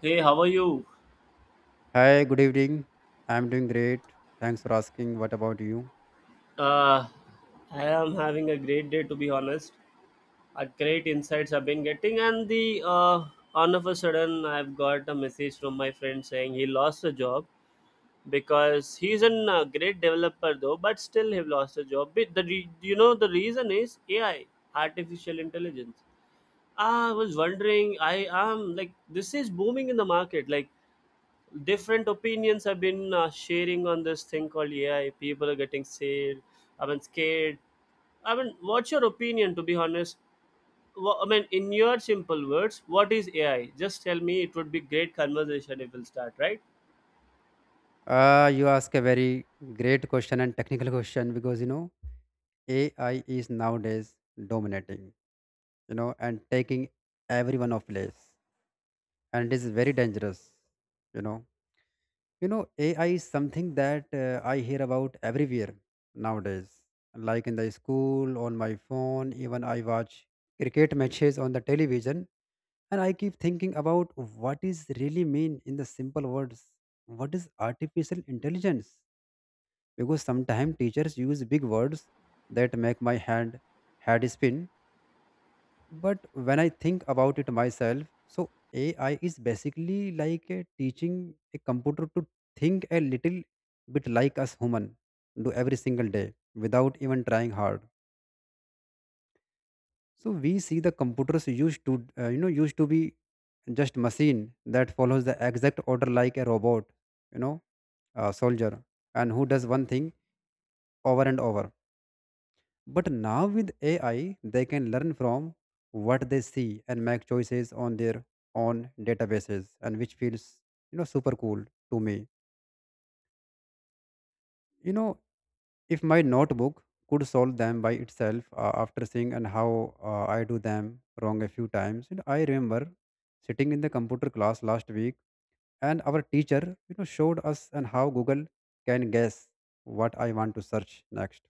Hey, how are you? Hi, good evening. I'm doing great. Thanks for asking. What about you? Uh, I am having a great day, to be honest. A great insights I've been getting, and the all of a sudden, I've got a message from my friend saying he lost a job because he's an great developer though, but still he lost a job. You know the reason is AI, artificial intelligence. I was wondering, I am like, this is booming in the market, like different opinions have been sharing on this thing called AI. People are getting scared. I mean, scared. I mean, what's your opinion? To be honest, I mean, in your simple words, what is AI? Just tell me. It would be great conversation if we'll start, right? You ask a very great question and technical question because you know AI is nowadays dominating, you know, and taking everyone of place, and it is very dangerous, you know. You know, AI is something that I hear about everywhere nowadays, like in the school, on my phone. Even I watch cricket matches on the television. And I keep thinking about what is really mean in the simple words. What is artificial intelligence? Because sometimes teachers use big words that make my hand head spin. But when I think about it myself, so AI is basically like a teaching a computer to think a little bit like us human do every single day without even trying hard. So we see the computers used to be just machine that follows the exact order like a robot, you know, a soldier, and who does one thing over and over. But now with AI, they can learn from what they see and make choices on their own databases, and which feels, you know, super cool to me. You know, if my notebook could solve them by itself after seeing and how I do them wrong a few times, and I remember sitting in the computer class last week, and our teacher, you know, showed us and how Google can guess what I want to search next,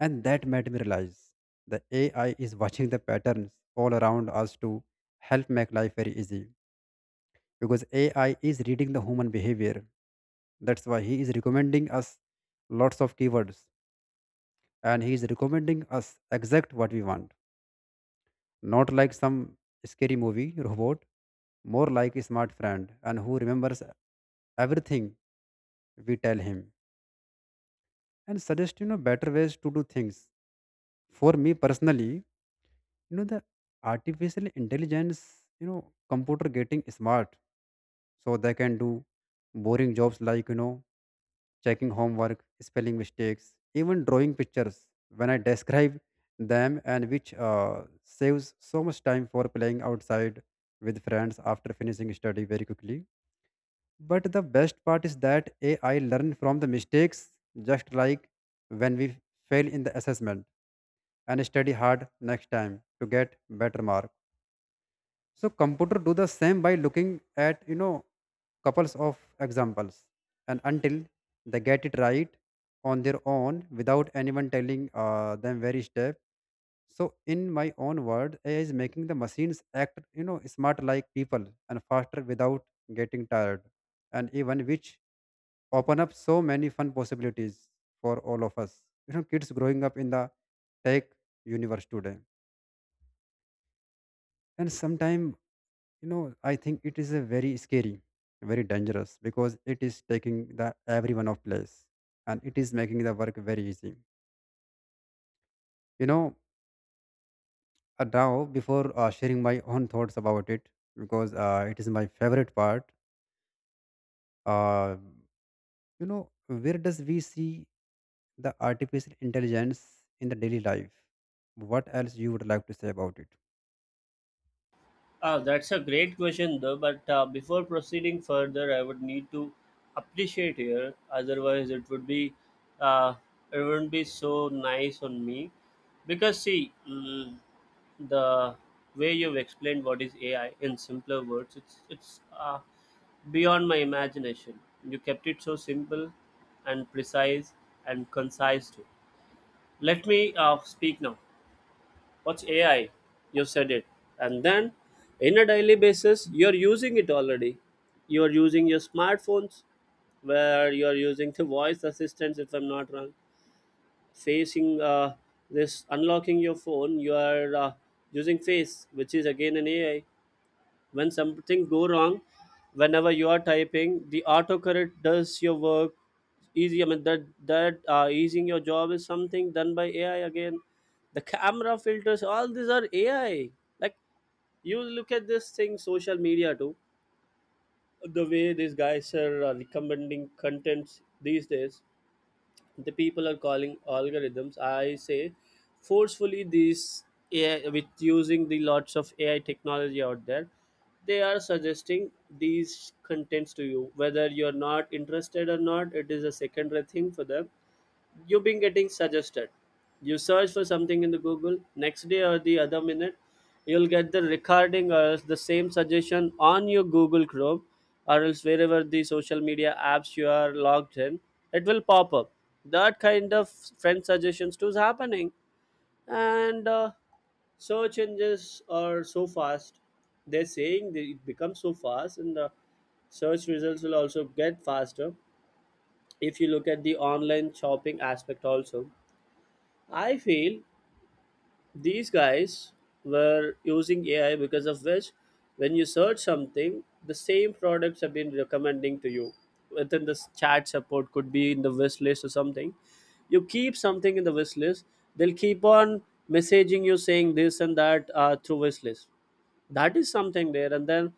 and that made me realize the AI is watching the patterns all around us to help make life very easy because AI is reading the human behavior. That's why he is recommending us lots of keywords, and he is recommending us exact what we want, not like some scary movie robot, more like a smart friend and who remembers everything we tell him and suggest, you know, better ways to do things. For me personally, you know, the artificial intelligence, you know, computer getting smart so they can do boring jobs like, you know, checking homework, spelling mistakes, even drawing pictures when I describe them, and which saves so much time for playing outside with friends after finishing study very quickly. But the best part is that AI learn from the mistakes, just like when we fail in the assessment and study hard next time to get better mark. So computer do the same by looking at, you know, couples of examples, and until they get it right on their own without anyone telling them very step. So in my own word, AI is making the machines act, you know, smart like people, and faster without getting tired, and even which open up so many fun possibilities for all of us, you know, kids growing up in the tech universe today. And sometimes, you know, I think it is a very scary, very dangerous because it is taking the everyone of place, and it is making the work very easy, you know. Now before sharing my own thoughts about it, because it is my favorite part, uh, you know, where does we see the artificial intelligence in the daily life? What else you would like to say about it? Ah, that's a great question, though. But before proceeding further, I would need to appreciate here. Otherwise, uh, it wouldn't be so nice on me. Because see, the way you've explained what is AI in simpler words, it's beyond my imagination. You kept it so simple and precise and concise too. Let me speak now, what's AI? You said it. And then in a daily basis, you're using it already. You're using your smartphones, where you're using the voice assistants, if I'm not wrong. Facing This unlocking your phone, you are using face, which is again an AI. When something go wrong, whenever you are typing, the autocorrect does your work easy. I mean, that easing your job is something done by AI again. The camera filters, all these are AI. Like, you look at this thing, social media too. The way these guys are recommending contents these days, the people are calling algorithms, I say. Forcefully these AI, with using the lots of AI technology out there, they are suggesting these contents to you, whether you're not interested or not, it is a secondary thing for them. You've been getting suggested. You search for something in the Google, next day or the other minute, you'll get the recording or else the same suggestion on your Google Chrome, or else wherever the social media apps you are logged in, it will pop up. That kind of friend suggestions too is happening. And search engines are so fast, they're saying that it becomes so fast, and the search results will also get faster. If you look at the online shopping aspect also, I feel these guys were using AI, because of which, when you search something, the same products have been recommending to you within this chat support, could be in the wish list or something. You keep something in the wish list, they'll keep on messaging you saying this and that through wish list. That is something there. And then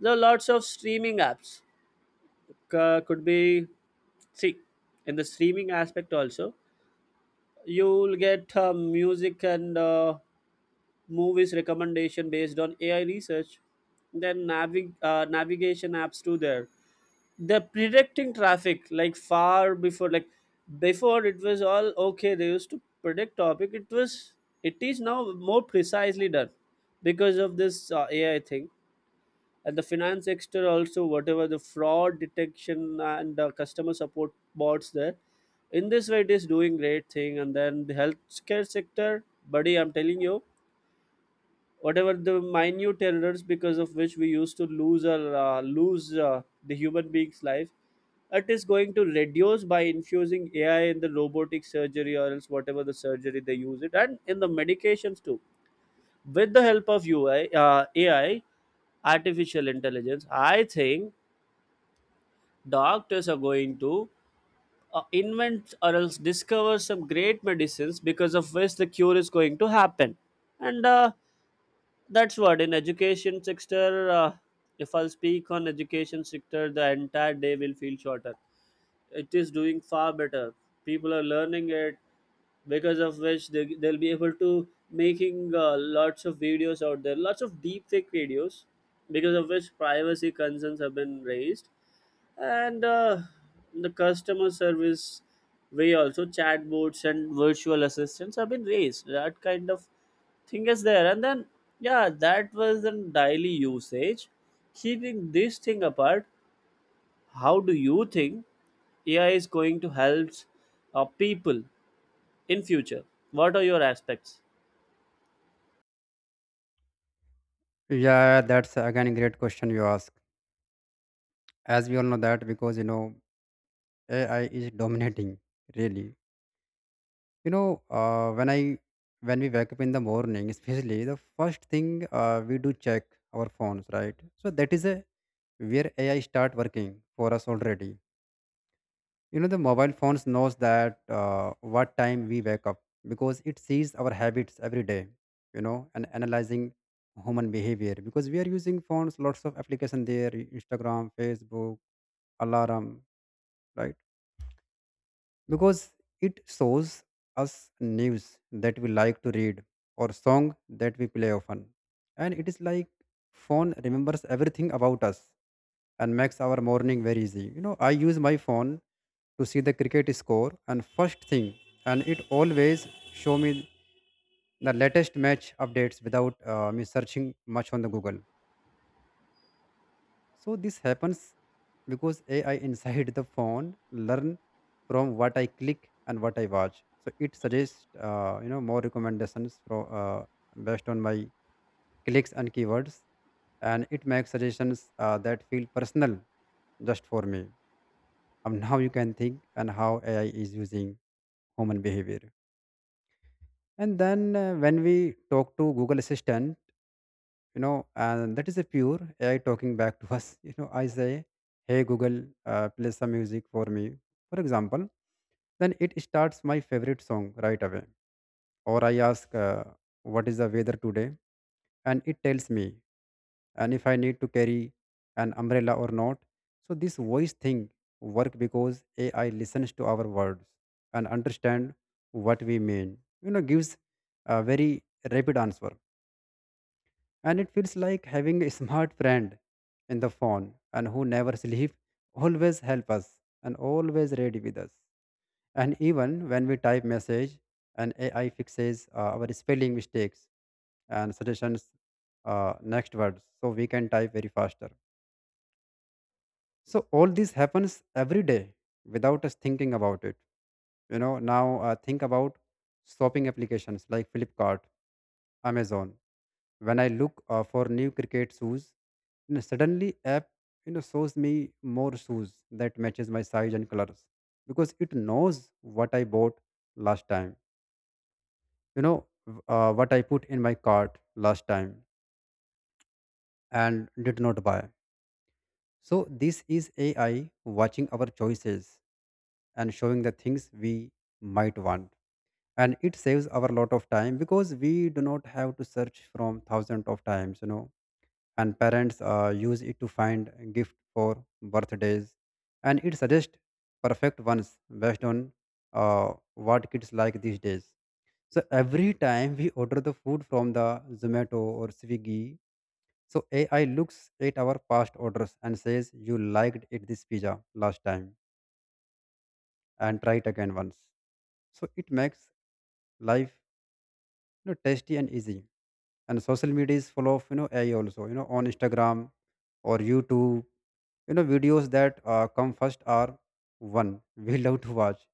there are lots of streaming apps. Could be, see, in the streaming aspect also, you'll get music and movies recommendation based on AI research. Then navigation apps too. There, they're predicting traffic like far before. Like before, it was all okay. They used to predict topic. It was, it is now more precisely done because of this AI thing. And the finance sector also, whatever the fraud detection and customer support bots there, in this way it is doing great thing. And then the healthcare sector, buddy, I'm telling you, whatever the minute errors because of which we used to lose or lose the human being's life, it is going to reduce by infusing AI in the robotic surgery, or else whatever the surgery they use it, and in the medications too. With the help of ui AI, artificial intelligence, I think doctors are going to invent or else discover some great medicines because of which the cure is going to happen. And That's what in education sector. If I'll speak on education sector, the entire day will feel shorter. It is doing far better. People are learning it, because of which they'll be able to making lots of videos out there, lots of deep fake videos, because of which privacy concerns have been raised. And the customer service way also, chatbots and virtual assistants have been raised. That kind of thing is there. And then, yeah, that was in daily usage. Keeping this thing apart, how do you think AI is going to help people in future? What are your aspects? Yeah, that's again a great question you ask. As we all know that, because, you know, AI is dominating, really, you know, uh, when i when we wake up in the morning, especially the first thing we do check our phones, right? So that is a where AI start working for us already. You know, the mobile phones knows that what time we wake up because it sees our habits every day, you know, and analyzing human behavior because we are using phones, lots of application there, Instagram, Facebook, alarm, right? Because it shows us news that we like to read or song that we play often, and it is like phone remembers everything about us and makes our morning very easy. You know, I use my phone to see the cricket score and first thing, and it always show me the latest match updates without me searching much on the Google. So this happens because AI inside the phone learn from what I click and what I watch. So it suggests, you know, more recommendations from, based on my clicks and keywords, and it makes suggestions that feel personal just for me. Now you can think and how AI is using human behavior. And then when we talk to Google Assistant, you know, and that is a pure AI talking back to us. You know, I say, hey Google, play some music for me, for example. Then it starts my favorite song right away. Or I ask, what is the weather today, and it tells me and if I need to carry an umbrella or not. So this voice thing work because AI listens to our words and understand what we mean, you know, gives a very rapid answer, and it feels like having a smart friend in the phone and who never sleep, always help us and always ready with us. And even when we type message, an AI fixes our spelling mistakes and suggestions next words so we can type very faster. So all this happens every day without us thinking about it. You know, now think about shopping applications like Flipkart, Amazon. When I look for new cricket shoes, you know, suddenly app, you know, shows me more shoes that matches my size and colors because it knows what I bought last time. You know, what I put in my cart last time and did not buy. So this is AI watching our choices and showing the things we might want. And it saves our lot of time because we do not have to search from thousands of times, you know. And parents use it to find a gift for birthdays, and it suggests perfect ones based on what kids like these days. So every time we order the food from the Zomato or Swiggy, so AI looks at our past orders and says, you liked it this pizza last time, and try it again once. So it makes life, you know, tasty and easy. And social media is full of, you know, AI also. You know, on Instagram or YouTube, you know, videos that come first are one we love to watch.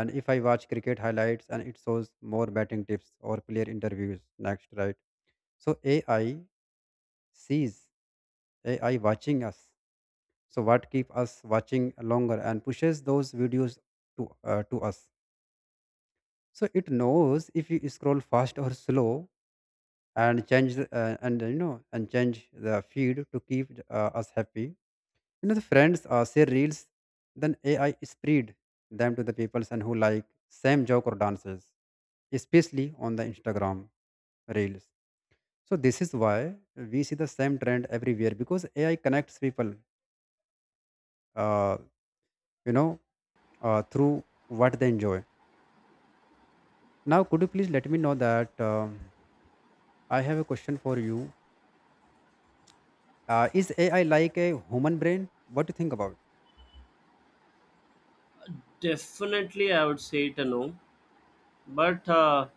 And if I watch cricket highlights, and it shows more batting tips or player interviews next, right? So ai sees AI watching us. So what keep us watching longer and pushes those videos to to us. So it knows if you scroll fast or slow, and change and you know and change the feed to keep us happy. You know, the friends share reels, then AI spread them to the people and who like same joke or dances, especially on the Instagram reels. So this is why we see the same trend everywhere because AI connects people, uh, you know, through what they enjoy. Now, could you please let me know that, I have a question for you? Is AI like a human brain? What do you think about? Definitely, I would say it a no, but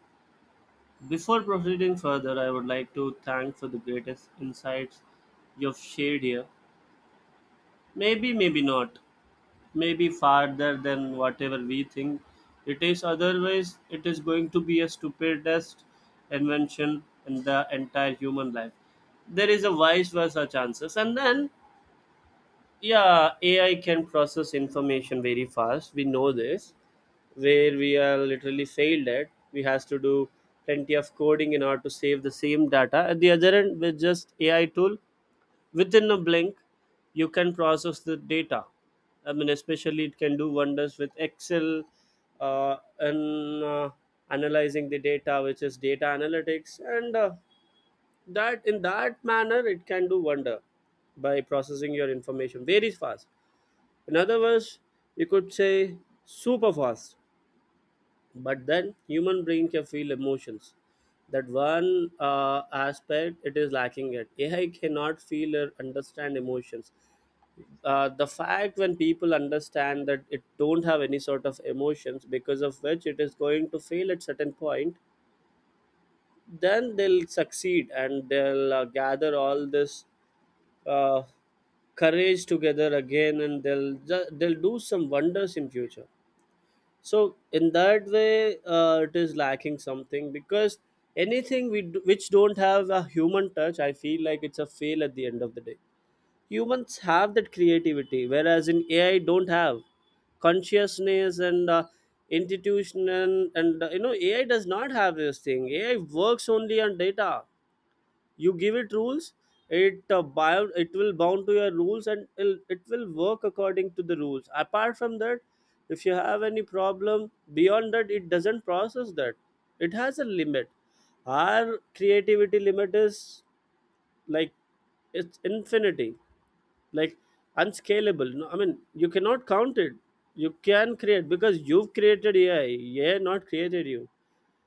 before proceeding further, I would like to thank for the greatest insights you've shared here. Maybe, maybe not. Maybe farther than whatever we think it is. Otherwise, it is going to be a stupidest invention in the entire human life. There is a vice versa chances. And then, yeah, AI can process information very fast, we know this. Where we are literally failed at, we has to do plenty of coding in order to save the same data at the other end, with just AI tool within a blink you can process the data. I mean, especially it can do wonders with Excel, and analyzing the data, which is data analytics. And that, in that manner, it can do wonder by processing your information very fast. In other words, you could say super fast. But then human brain can feel emotions. That one aspect it is lacking it. AI cannot feel or understand emotions. The fact, when people understand that it don't have any sort of emotions because of which it is going to fail at certain point, then they'll succeed, and they'll gather all this uh, courage together again, and they'll do some wonders in future. So in that way, it is lacking something. Because anything we do, which don't have a human touch, I feel like it's a fail at the end of the day. Humans have that creativity, whereas in AI, don't have consciousness and institution. And AI does not have this thing. AI works only on data. You give it rules, it will bound to your rules, and it will work according to the rules. Apart from that, if you have any problem beyond that, it doesn't process that. It has a limit. Our creativity limit is like, it's infinity, like unscalable. No, I mean, you cannot count it. You can create, because you've created AI, AI not created you.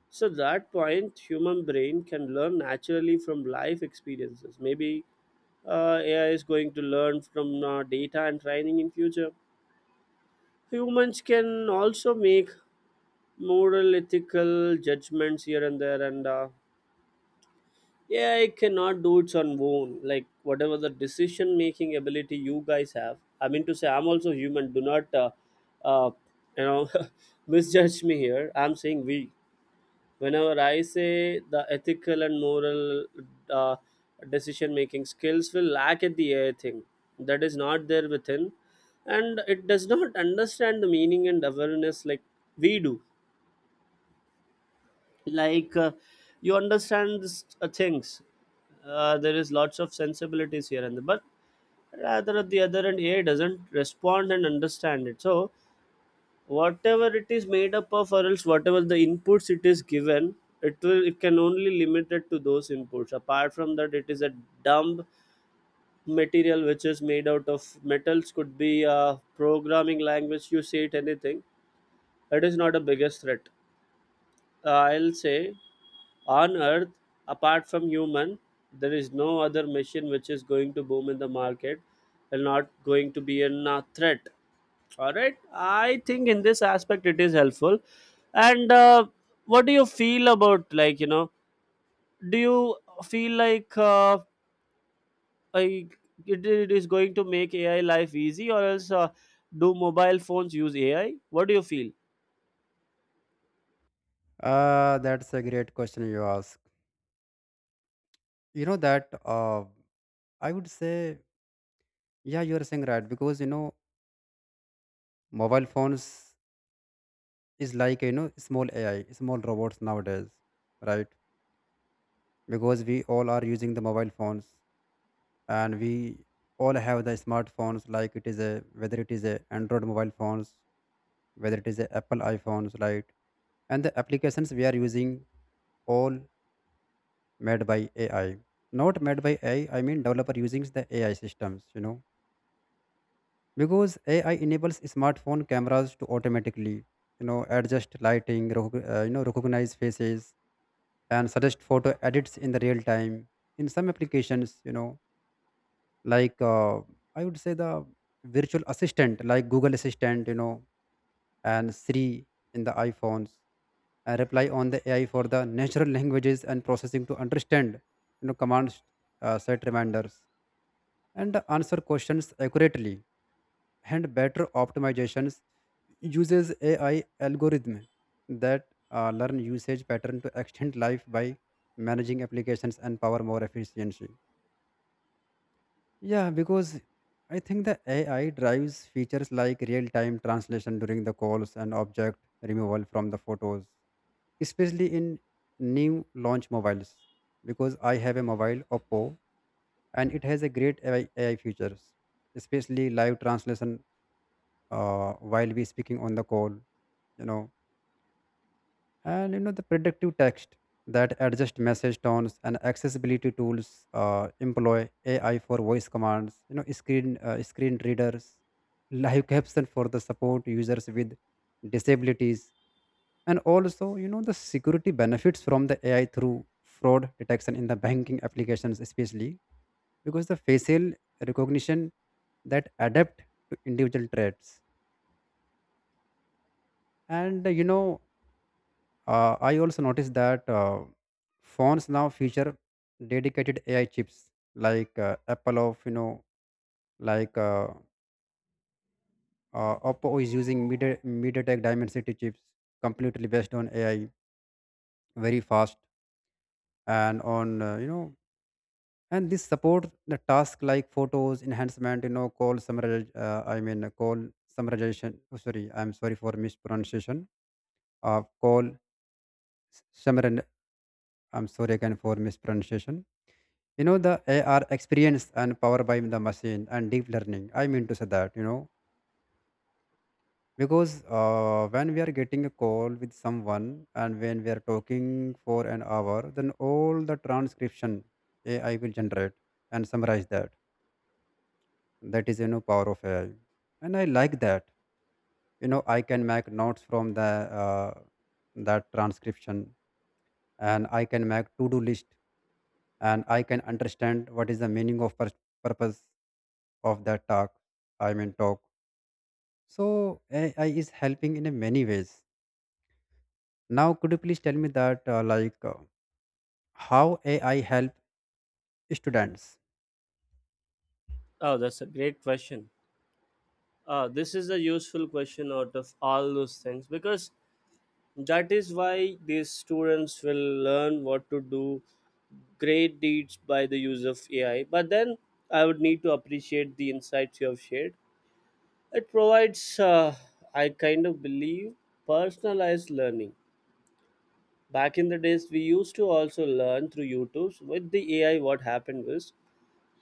So that point, human brain can learn naturally from life experiences. Maybe AI is going to learn from data and training in future. Humans can also make moral, ethical judgments here and there, and AI cannot do its on own. Like, whatever the decision making ability you guys have, I mean to say, I'm also human. Do not uh, you know misjudge me here. I'm saying, we, whenever I say, the ethical and moral uh, decision making skills will lack at the AI thing. That is not there within, and it does not understand the meaning and awareness like we do. Like, you understand this, things, there is lots of sensibilities here and there. But rather at the other end, AI doesn't respond and understand it. So whatever it is made up of, or else whatever the inputs it is given, it will, it can only limited to those inputs. Apart from that, it is a dumb material, which is made out of metals, could be a programming language, you say it anything. It is not a biggest threat, I'll say, on earth. Apart from human, there is no other machine which is going to boom in the market and not going to be a threat. All right. I think in this aspect it is helpful. And what do you feel about, like, you know? Do you feel like I, it is going to make AI life easy, or else do mobile phones use AI? What do you feel? That's a great question you ask. You know that. I would say, yeah, you are saying right because you know mobile phones is like, you know, small AI, small robots nowadays, right? Because we all are using the mobile phones, and we all have the smartphones, like it is a whether it is a Android mobile phones, whether it is a Apple iPhones, right? And the applications we are using all made by AI, not made by AI. I mean developer using the AI systems, you know, because AI enables smartphone cameras to automatically, you know, adjust lighting, you know, recognize faces, and suggest photo edits in the real time. In some applications, you know, like I would say the virtual assistant, like Google Assistant, you know, and Siri in the iPhones, and reply on the AI for the natural languages and processing to understand, you know, commands, set reminders, and answer questions accurately and better optimizations uses AI algorithm that learn usage pattern to extend life by managing applications and power more efficiency. Yeah, because I think the AI drives features like real-time translation during the calls and object removal from the photos, especially in new launch mobiles. Because I have a mobile Oppo, and it has a great AI features, especially live translation, while we speaking on the call, you know and the predictive text that adjust message tones, and accessibility tools employ AI for voice commands, screen readers, live caption for the support users with disabilities. And also, the security benefits from the AI through fraud detection in the banking applications, especially because the facial recognition that adapt to individual traits. And I also noticed that phones now feature dedicated AI chips, like Apple like Oppo is using MediaTek Dimensity chips, completely based on AI, very fast. And on you know, And this support the task like photos enhancement, call summarization. Oh, sorry, I'm sorry for mispronunciation. Call summary. I'm sorry again for mispronunciation. The AR Mhm. experience and power by the machine and deep learning, I mean to say that, because when we are getting a call with someone, and when we are talking for an hour, then all the transcription AI will generate and summarize that. That is, power of AI, and I like that. I can make notes from the uh, that transcription, and I can make to do list, and I can understand what is the meaning of purpose of that talk. I mean talk. So AI is helping in a many ways. Now, could you please tell me that, how AI help students? Oh, that's a great question. This is a useful question out of all those things, because that is why these students will learn what to do great deeds by the use of AI. But then I would need to appreciate the insights you have shared. It provides, I kind of believe, personalized learning. Back in the days, we used to also learn through YouTube. With the AI, what happened was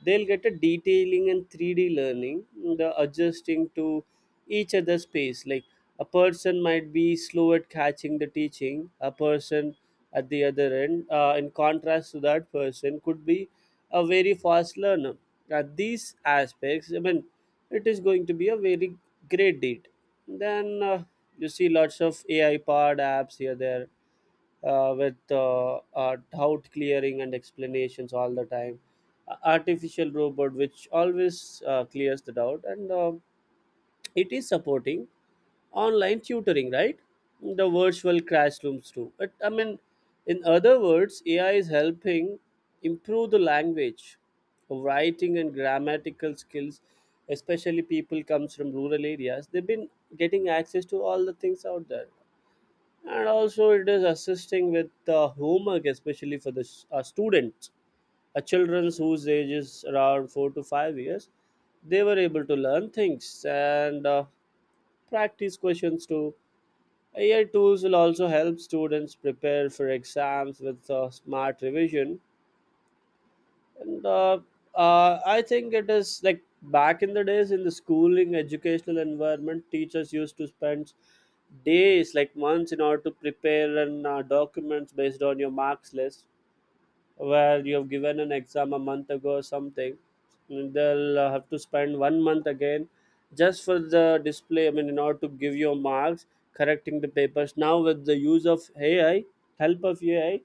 they'll get a detailing and 3D learning, the adjusting to each other's pace, like a person might be slow at catching the teaching. A person at the other end, in contrast to that person, could be a very fast learner at these aspects. I mean, it is going to be a very great deed. Then you see lots of ai powered apps here there, with doubt clearing and explanations all the time. Artificial robot, which always clears the doubt, and it is supporting online tutoring, right? The virtual classrooms too. But I mean, in other words, AI is helping improve the language, writing, and grammatical skills. Especially people comes from rural areas. They've been getting access to all the things out there, and also it is assisting with homework, especially for the students, children whose age is around 4 to 5 years. They were able to learn things and practice questions too. AI tools will also help students prepare for exams with smart revision. And I think it is like back in the days, in the schooling educational environment, teachers used to spend days, like months, in order to prepare and documents based on your marks list where you have given an exam a month ago or something. They'll have to spend one month again, just for the display. I mean, in order to give your marks, correcting the papers. Now with the use of ai, help of ai,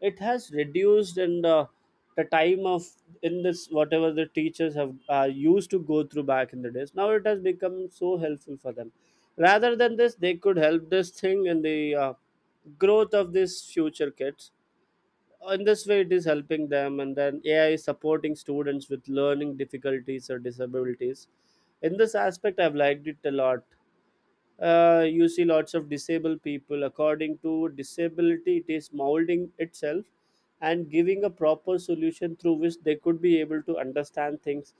it has reduced and the time of, in this, whatever the teachers have used to go through back in the days, now it has become so helpful for them. Rather than this, they could help this thing in the growth of these future kids. In this way it is helping them. And then AI is supporting students with learning difficulties or disabilities. In this aspect, I've liked it a lot. You see lots of disabled people. According to disability, it is molding itself and giving a proper solution through which they could be able to understand things,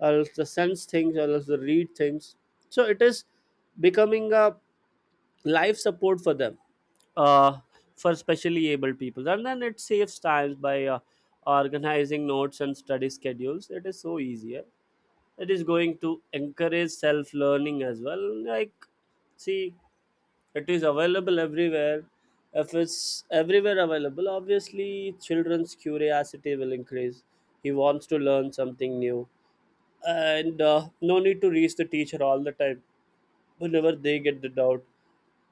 or else the sense things, or else the read things. So it is becoming a life support for them, uh, for specially able people. And then it saves times by organizing notes and study schedules. It is so easier. It is going to encourage self learning as well, like, see, it is available everywhere. If it's everywhere available, obviously children's curiosity will increase. He wants to learn something new, and no need to reach the teacher all the time whenever they get the doubt.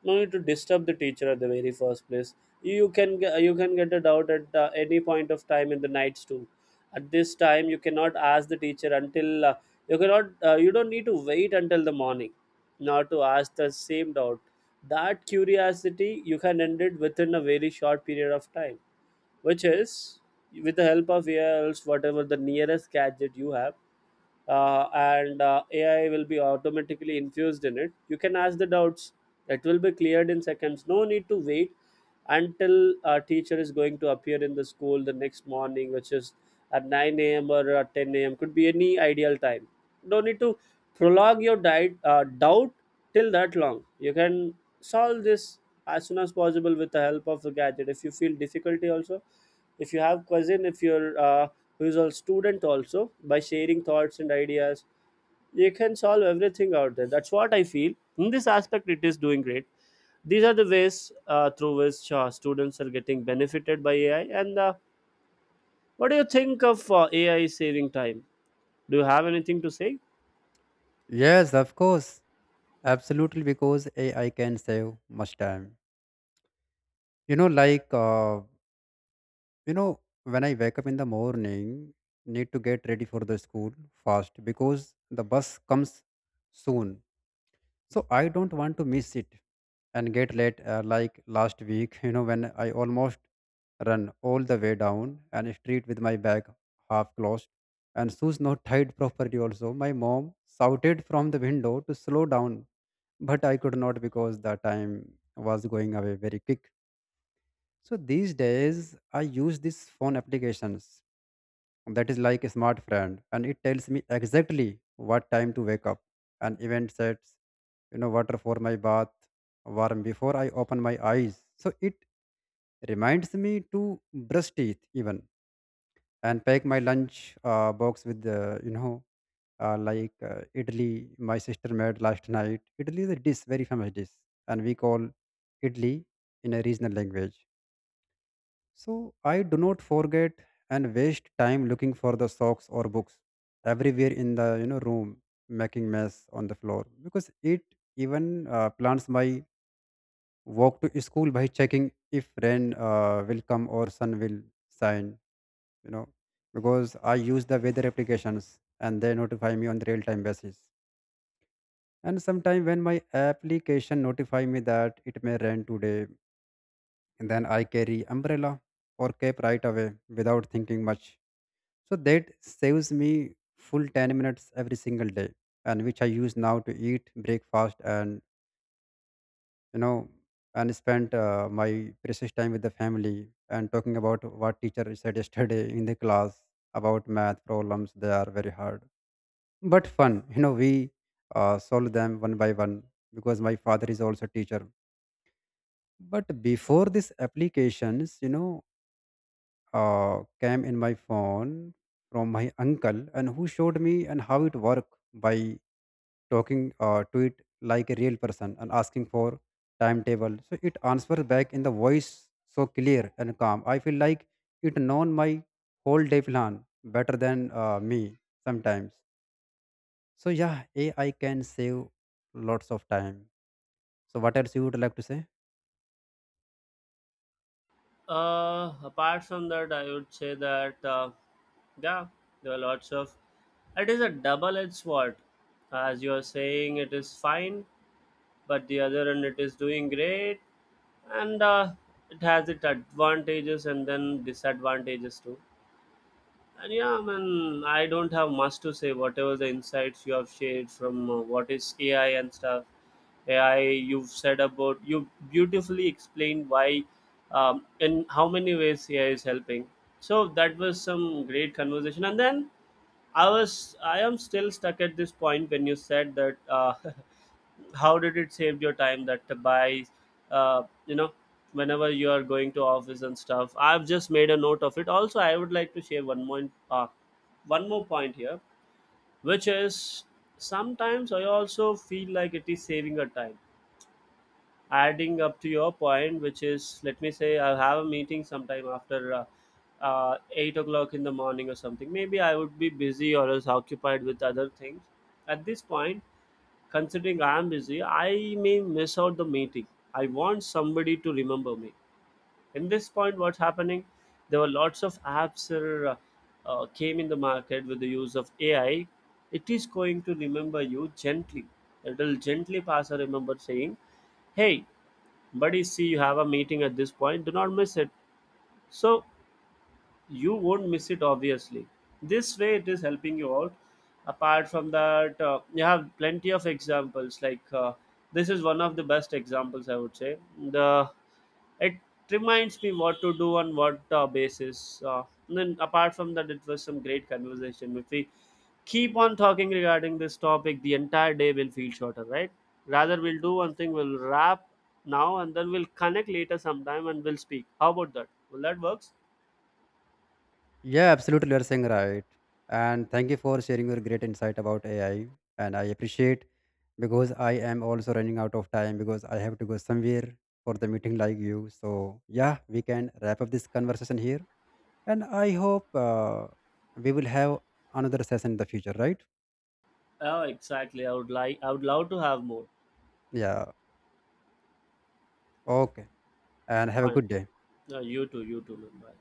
No need to disturb the teacher at the very first place. You can get a doubt at any point of time, in the nights too. At this time you cannot ask the teacher until you cannot you don't need to wait until the morning, not to ask the same doubt. That curiosity you can end it within a very short period of time, which is with the help of AI, else whatever the nearest gadget you have, and AI will be automatically infused in it. You can ask the doubts; it will be cleared in seconds. No need to wait until a teacher is going to appear in the school the next morning, which is at 9 a.m. or at 10 a.m. Could be any ideal time. No need to prolong your doubt till that long. You can solve this as soon as possible with the help of the gadget. If you feel difficulty also, if you have cousin, if you're who is a student, also by sharing thoughts and ideas, you can solve everything out there. That's what I feel. In this aspect, it is doing great. These are the ways through which students are getting benefited by AI. And what do you think of AI saving time? Do you have anything to say? Yes, of course, absolutely. Because AI can save much time. You know, like uh, when I wake up in the morning, need to get ready for the school fast because the bus comes soon. So I don't want to miss it and get late, like last week, when I almost run all the way down an street with my bag half closed and shoes not tied properly. Also my mom shouted from the window to slow down, but I could not because the time was going away very quick. So these days I use these phone applications that is like a smart friend, and it tells me exactly what time to wake up and event sets, water for my bath warm before I open my eyes, so it reminds me to brush teeth even and pack my lunch box with the idli my sister made last night. Idli is a dish, very famous dish, and we call idli in a regional language, so I do not forget and waste time looking for the socks or books everywhere in the, room, making mess on the floor, because it even plans my walk to school by checking if rain will come or sun will shine. You know because I use the weather applications and they notify me on the real time basis. And sometimes when my application notify me that it may rain today, then I carry umbrella or cape right away without thinking much. So that saves me full 10 minutes every single day, and which I use now to eat breakfast and you know and spend my precious time with the family and talking about what teacher said yesterday in the class about math problems. They are very hard but fun. We solve them one by one, because my father is also a teacher. But before these applications, came in my phone from my uncle, and who showed me and how it worked by talking to it like a real person and asking for timetable, so it answers back in the voice so clear and calm. I feel like it known my whole day plan better than me sometimes. So yeah, AI can save lots of time. So what else you would like to say? Apart from that, I would say that, yeah, there are lots of. It is a double-edged sword, as you are saying. It is fine, but the other end it is doing great. And it has its advantages and then disadvantages too. And yeah, I mean, I don't have much to say. Whatever the insights you have shared from what is AI and stuff, AI, you've said about, you beautifully explained why, in how many ways AI is helping. So that was some great conversation. And then I am still stuck at this point when you said that how did it save your time, that by, uh, you know whenever you are going to office and stuff. I've just made a note of it. Also I would like to share one more, uh, point here, which is, sometimes I also feel like it is saving a time, adding up to your point, which is, let me say, I'll have a meeting sometime after 8 o'clock in the morning or something. Maybe I would be busy or else occupied with other things at this point. Considering I am busy, I may miss out the meeting. I want somebody to remember me. In this point, what's happening? There were lots of apps that came in the market with the use of AI. It is going to remember you gently. It will gently pass a remember saying, "Hey, buddy, see you have a meeting at this point. Do not miss it." So you won't miss it, obviously. This way it is helping you out. Apart from that, you have plenty of examples, like this is one of the best examples I would say. The It reminds me what to do on what basis, and then, apart from that, it was some great conversation. If we keep on talking regarding this topic, the entire day will feel shorter, right? Rather, we'll do one thing, we'll wrap now, and then we'll connect later sometime and we'll speak. How about that? Will that work? Yeah, absolutely. You're saying right. And thank you for sharing your great insight about AI. And I appreciate, because I am also running out of time because I have to go somewhere for the meeting like you. So yeah, we can wrap up this conversation here. And I hope we will have another session in the future, right? Oh, exactly. I would like. I would love to have more. Yeah. Okay. And have a Fine. good day. You too. You too. Man. Bye.